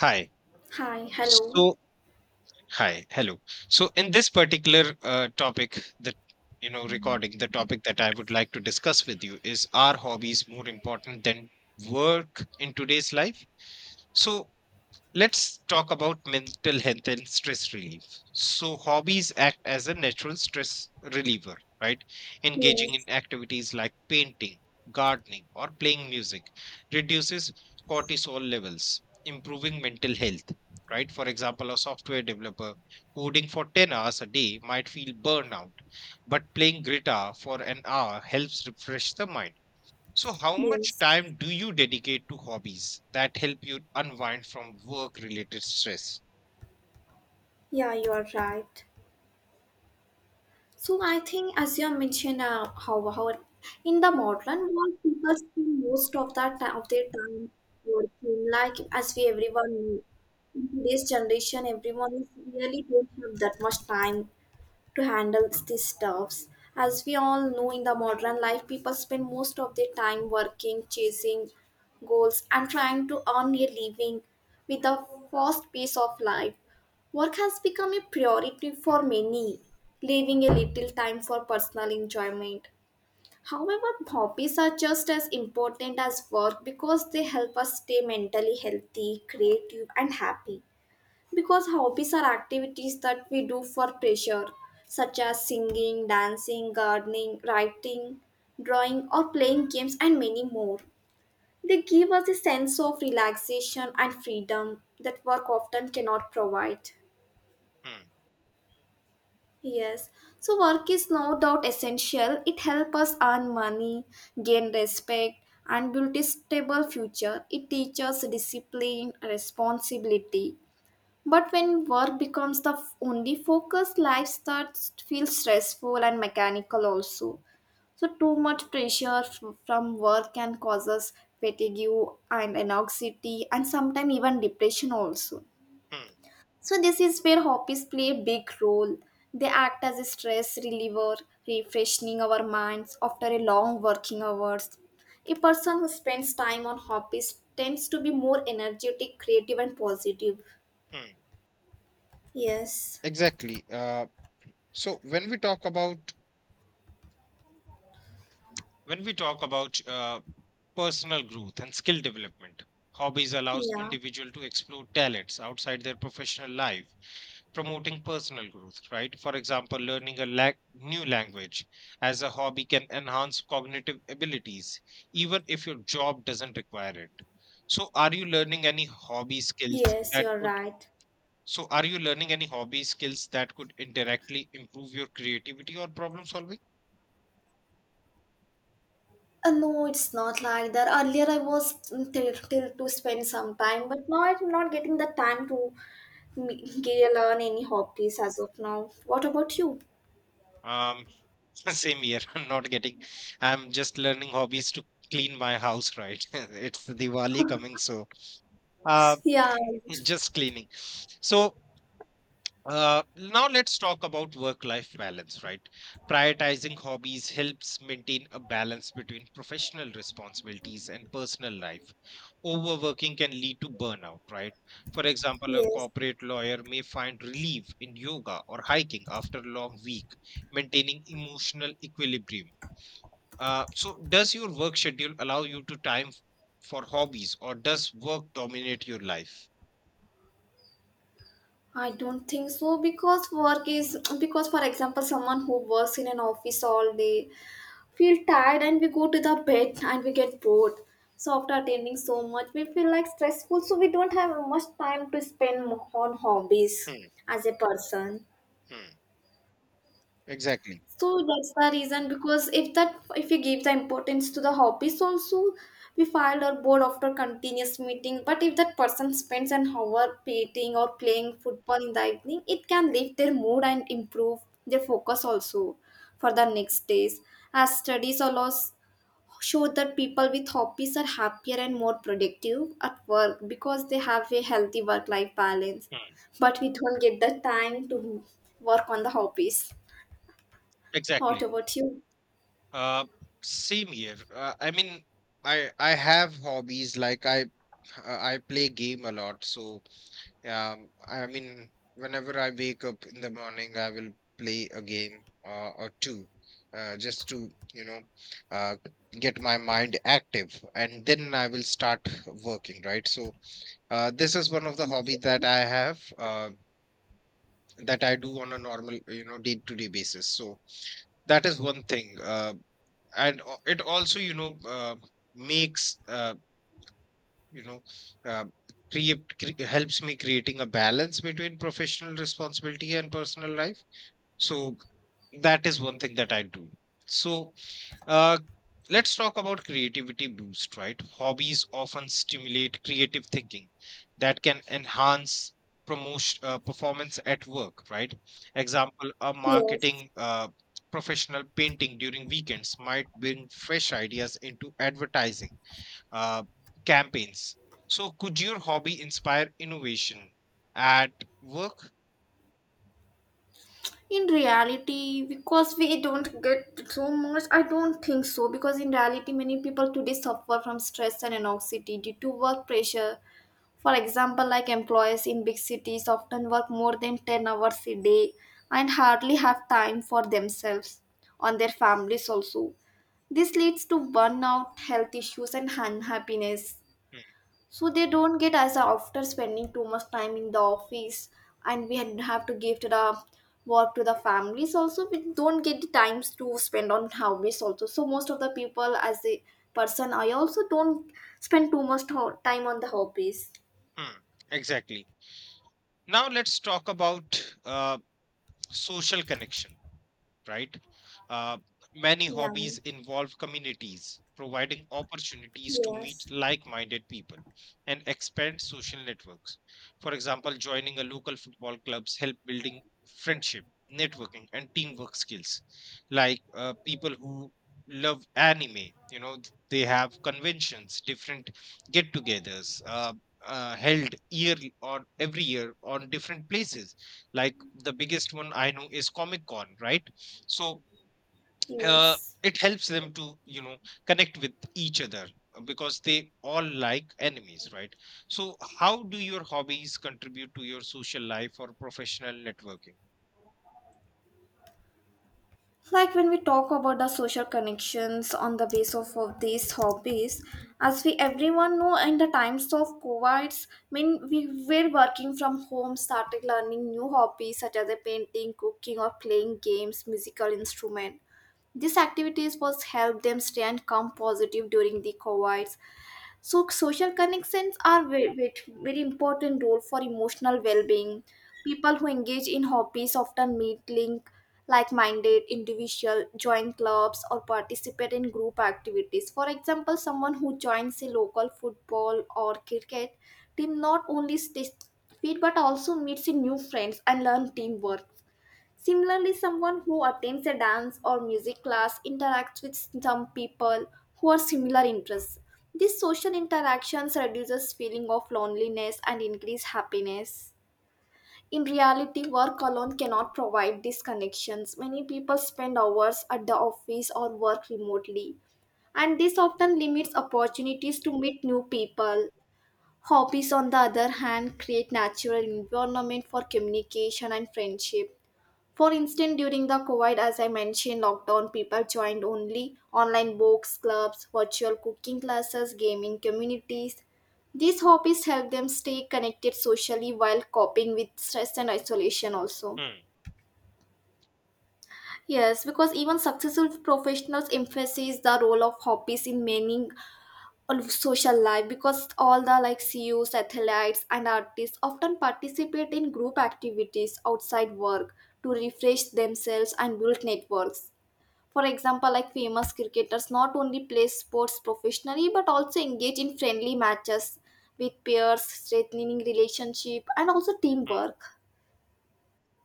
Hi. Hi, hello. So, hi, hello. So, in this particular topic, the recording, the topic that I would like to discuss with you is: are hobbies more important than work in today's life? So, let's talk about mental health and stress relief. So, hobbies act as a natural stress reliever, right? Engaging Yes, in activities like painting, gardening, or playing music reduces cortisol levels, improving mental health, right? For example, a software developer coding for 10 hours a day might feel burnout, but playing guitar for an hour helps refresh the mind so, how much yes. time do you dedicate to hobbies that help you unwind from work related stress? Yeah, you are right. So I think as you have mentioned, how in the modern world people spend most of that time of their time working. Like as we everyone know, in today's generation, everyone is really don't have that much time to handle these stuffs. As we all know, in the modern life, people spend most of their time working, chasing goals, and trying to earn a living with the fast pace of life. Work has become a priority for many, leaving a little time for personal enjoyment. However, hobbies are just as important as work because they help us stay mentally healthy, creative, and happy. Because hobbies are activities that we do for pleasure, such as singing, dancing, gardening, writing, drawing, or playing games, and many more. They give us a sense of relaxation and freedom that work often cannot provide. Hmm, Yes, so work is no doubt essential. It helps us earn money, gain respect, and build a stable future. It teaches discipline, responsibility. But when work becomes the only focus, life starts to feel stressful and mechanical also. So too much pressure from work can causes fatigue and anxiety and sometimes even depression also. hmm, So this is where hobbies play a big role. They act as a stress reliever, refreshing our minds after a long working hours. A person who spends time on hobbies tends to be more energetic, creative, and positive. hmm. Yes. Exactly. So, when we talk about personal growth and skill development, hobbies allows Yeah. individual to explore talents outside their professional life, promoting personal growth, right? For example, new language as a hobby can enhance cognitive abilities, even if your job doesn't require it. So, are you learning any hobby skills Yes, that you're could? right. So, are you learning any hobby skills that could indirectly improve your creativity or problem solving? No, it's not like that. Earlier, I was till to spend some time, but now I'm not getting the time to learn any hobbies as of now. What about you? Um, Same here. I'm not getting. I'm just learning hobbies to clean my house, right? It's Diwali coming, so uh, Yeah. just cleaning. So now let's talk about work-life balance, right? Prioritizing hobbies helps maintain a balance between professional responsibilities and personal life. Overworking can lead to burnout, right? For example, a Yes. corporate lawyer may find relief in yoga or hiking after a long week, maintaining emotional equilibrium. So, does your work schedule allow you to time for hobbies, or does work dominate your life? I don't think so because work is, because, for example, someone who works in an office all day feel tired and we go to the bed and we get bored. So after attending so much, we feel like stressful. So we don't have much time to spend on hobbies Hmm, as a person. hmm, Exactly. So that's the reason, because if that, if we give the importance to the hobbies also, we find our bored after continuous meeting. But if that person spends an hour painting or playing football in the evening, it can lift their mood and improve their focus also for the next days, as studies allows showed that people with hobbies are happier and more productive at work because they have a healthy work life balance. Hmm, But we don't get the time to work on the hobbies. What Exactly. about you? Uh, same here. I mean, I have hobbies like I play game a lot. So I mean, whenever I wake up in the morning, I will play a game or two, just to uh, get my mind active, and then I will start working. Right. So this is one of the hobby that I have that I do on a normal, you know, day to day basis. So that is one thing, and it also, you know, makes you know, uh, helps me creating a balance between professional responsibility and personal life. So that is one thing that I do. So Uh, let's talk about creativity boost, right? Hobbies often stimulate creative thinking that can enhance promotion performance at work, right? Example, a Yes. marketing professional painting during weekends might bring fresh ideas into advertising uh, campaigns. So, could your hobby inspire innovation at work? In reality, because we don't get so much, I don't think so. Because in reality, many people today suffer from stress and anxiety due to work pressure. For example, like employees in big cities often work more than 10 hours a day and hardly have time for themselves on their families also. This leads to burnout, health issues and unhappiness. Hmm, So they don't get, as after spending too much time in the office and we have to give to the work, to the families also, we don't get the times to spend on hobbies also. So most of the people, as a person I also don't spend too much time on the hobbies. hmm, exactly. Now let's talk about social connection, right? Uh, many Yeah. hobbies involve communities, providing opportunities to meet Yes. like minded people and expand social networks. For example, joining a local football clubs help building friendship, networking, and teamwork skills. Like people who love anime, you know, they have conventions, different get togethers. Held yearly or every year on different places like the biggest one I know is Comic Con, right? So uh, Yes. it helps them to connect with each other because they all like enemies, right? So how do your hobbies contribute to your social life or professional networking? Like when we talk about the social connections on the base of these hobbies, as we everyone know, in the times of covids, I mean, we were working from home, started learning new hobbies such as a painting, cooking, or playing games, musical instrument. These activities was help them stay and come positive during the covids. So social connections are very, very, very important role for emotional well-being. People who engage in hobbies often meet link like-minded individual, join clubs or participate in group activities. For example, someone who joins a local football or cricket team not only stays fit but also meets new friends and learn teamwork. Similarly, someone who attends a dance or music class interacts with some people who are similar interests. These social interactions reduces feeling of loneliness and increase happiness. In reality, work alone cannot provide these connections. Many people spend hours at the office or work remotely, and this often limits opportunities to meet new people. Hobbies, on the other hand, create natural environment for communication and friendship. For instance, during the COVID, as I mentioned, lockdown, people joined only online books, clubs, virtual cooking classes, gaming communities. These hobbies help them stay connected socially while coping with stress and isolation also. hmm Yes, because even successful professionals emphasize the role of hobbies in many of social life, because all the like CEOs, athletes and artists often participate in group activities outside work to refresh themselves and build networks. For example, like famous cricketers not only play sports professionally but also engage in friendly matches with peers, strengthening relationship and also hmm. teamwork.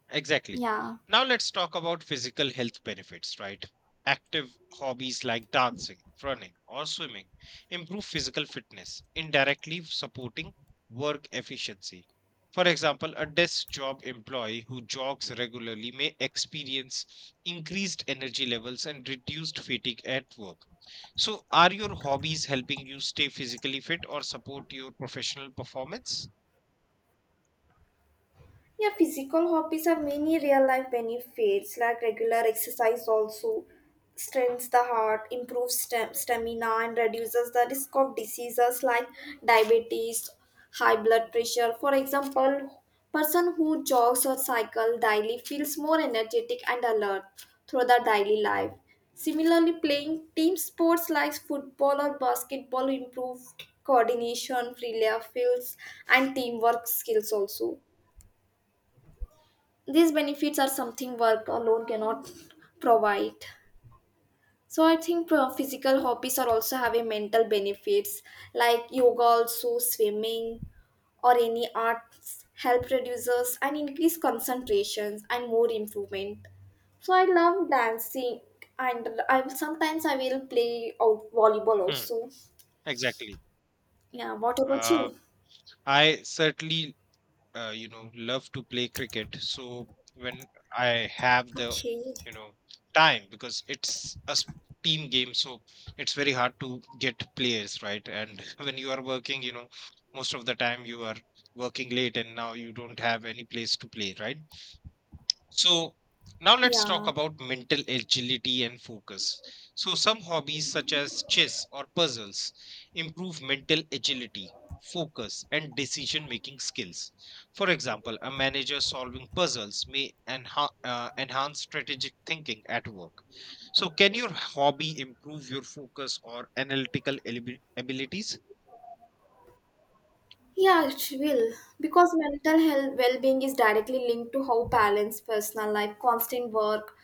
Exactly. Yeah. Now let's talk about physical health benefits, right? Active hobbies like dancing, running, or swimming improve physical fitness, indirectly supporting work efficiency. For example, a desk job employee who jogs regularly may experience increased energy levels and reduced fatigue at work. So, are your hobbies helping you stay physically fit or support your professional performance? Yeah, physical hobbies have many real life benefits, like regular exercise also strengthens the heart, improves stamina, and reduces the risk of diseases like diabetes, high blood pressure. For example, person who jogs or cycle daily feels more energetic and alert through the daily life. Similarly, playing team sports like football or basketball improved coordination, free layer fields, and teamwork skills also. These benefits are something work alone cannot provide. So I think physical hobbies are also having mental benefits like yoga, also swimming or any arts help reduces and increase concentration and more improvement. So I love dancing, and I sometimes I will play out volleyball Hmm, also. exactly. Yeah, what about you? Um I certainly you know love to play cricket so when I have the Okay. you know time because it's team game, so it's very hard to get players, right? And when you are working, you know, most of the time you are working late and now you don't have any place to play, right? So now let's talk Yeah. about mental agility and focus. So some hobbies such as chess or puzzles improve mental agility, focus and decision making skills. For example, a manager solving puzzles may enhance strategic thinking at work. So can your hobby improve your focus or abilities? Yeah, it will. Because mental health well being is directly linked to how balance personal life, constant work,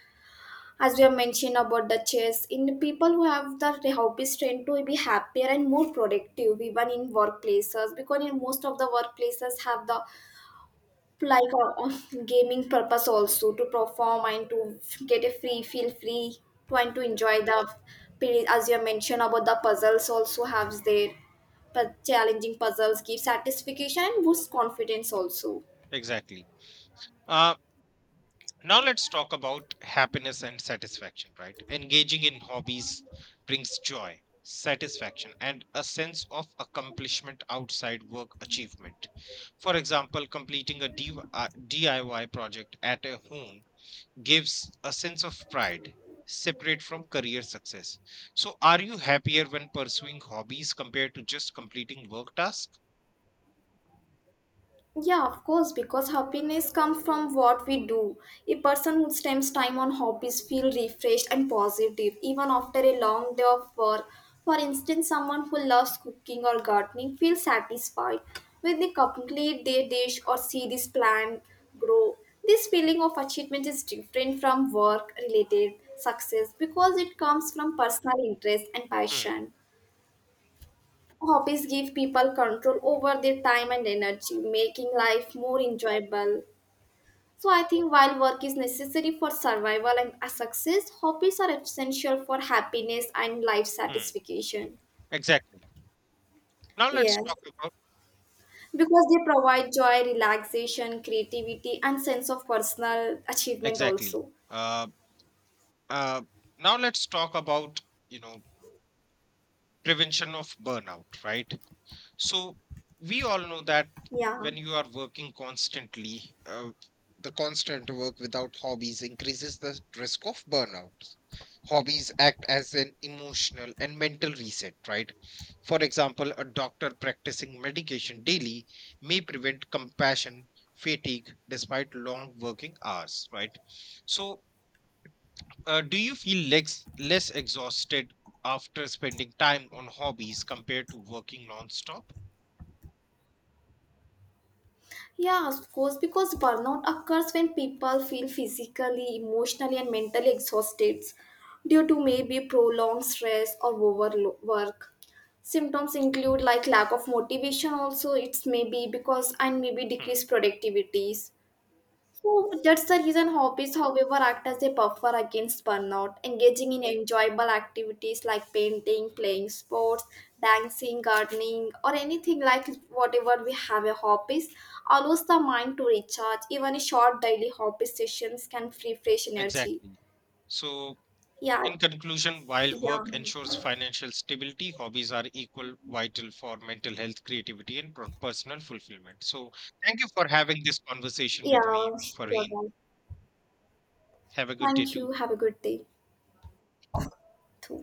as we have mentioned about the chess, in the people who have the hobbies tend to be happier and more productive even in workplaces, because in most of the workplaces have the like gaming purpose also to perform and to get a free, feel free to, and to enjoy the period, as you have mentioned about the puzzles also have their challenging puzzles give satisfaction and boost confidence also. Exactly. Uh, now let's talk about happiness and satisfaction, right? Engaging in hobbies brings joy, satisfaction, and a sense of accomplishment outside work achievement. For example, completing a DIY project at a home gives a sense of pride, separate from career success. So, are you happier when pursuing hobbies compared to just completing work tasks? Yeah, of course, because happiness comes from what we do. A person who spends time on hobbies feels refreshed and positive even after a long day of work. For instance, someone who loves cooking or gardening feels satisfied when they complete their dish or see this plant grow. This feeling of achievement is different from work related success because it comes from personal interest and Mm, passion. Hobbies give people control over their time and energy, making life more enjoyable. So I think while work is necessary for survival and a success, hobbies are essential for happiness and life mm, satisfaction. Exactly. Now let's Yes, talk about because they provide joy, relaxation, creativity, and sense of personal achievement exactly. also. Uh, uh, now let's talk about you know prevention of burnout, right? So we all know that Yeah. when you are working constantly, the constant work without hobbies increases the risk of burnout. Hobbies act as an emotional and mental reset, right? For example, a doctor practicing medication daily may prevent compassion fatigue despite long working hours, right? So do you feel less exhausted after spending time on hobbies compared to working nonstop? Yeah, of course, because burnout occurs when people feel physically, emotionally, and mentally exhausted due to maybe prolonged stress or overwork. Symptoms include like lack of motivation, also, it's maybe because, and maybe Hmm, decreased productivities. So that's the reason hobbies, however, act as a buffer against burnout. Engaging in enjoyable activities like painting, playing sports, dancing, gardening, or anything like whatever we have a hobbies allows the mind to recharge. Even a short daily hobby sessions can free fresh energy. Exactly. So Yeah, in conclusion, while yeah, work ensures financial stability, hobbies are equal vital for mental health, creativity, and personal fulfillment. So, thank you for having this conversation yeah. with me, You're Farheen. right. Have a good day Thank too. you. Have a good day too.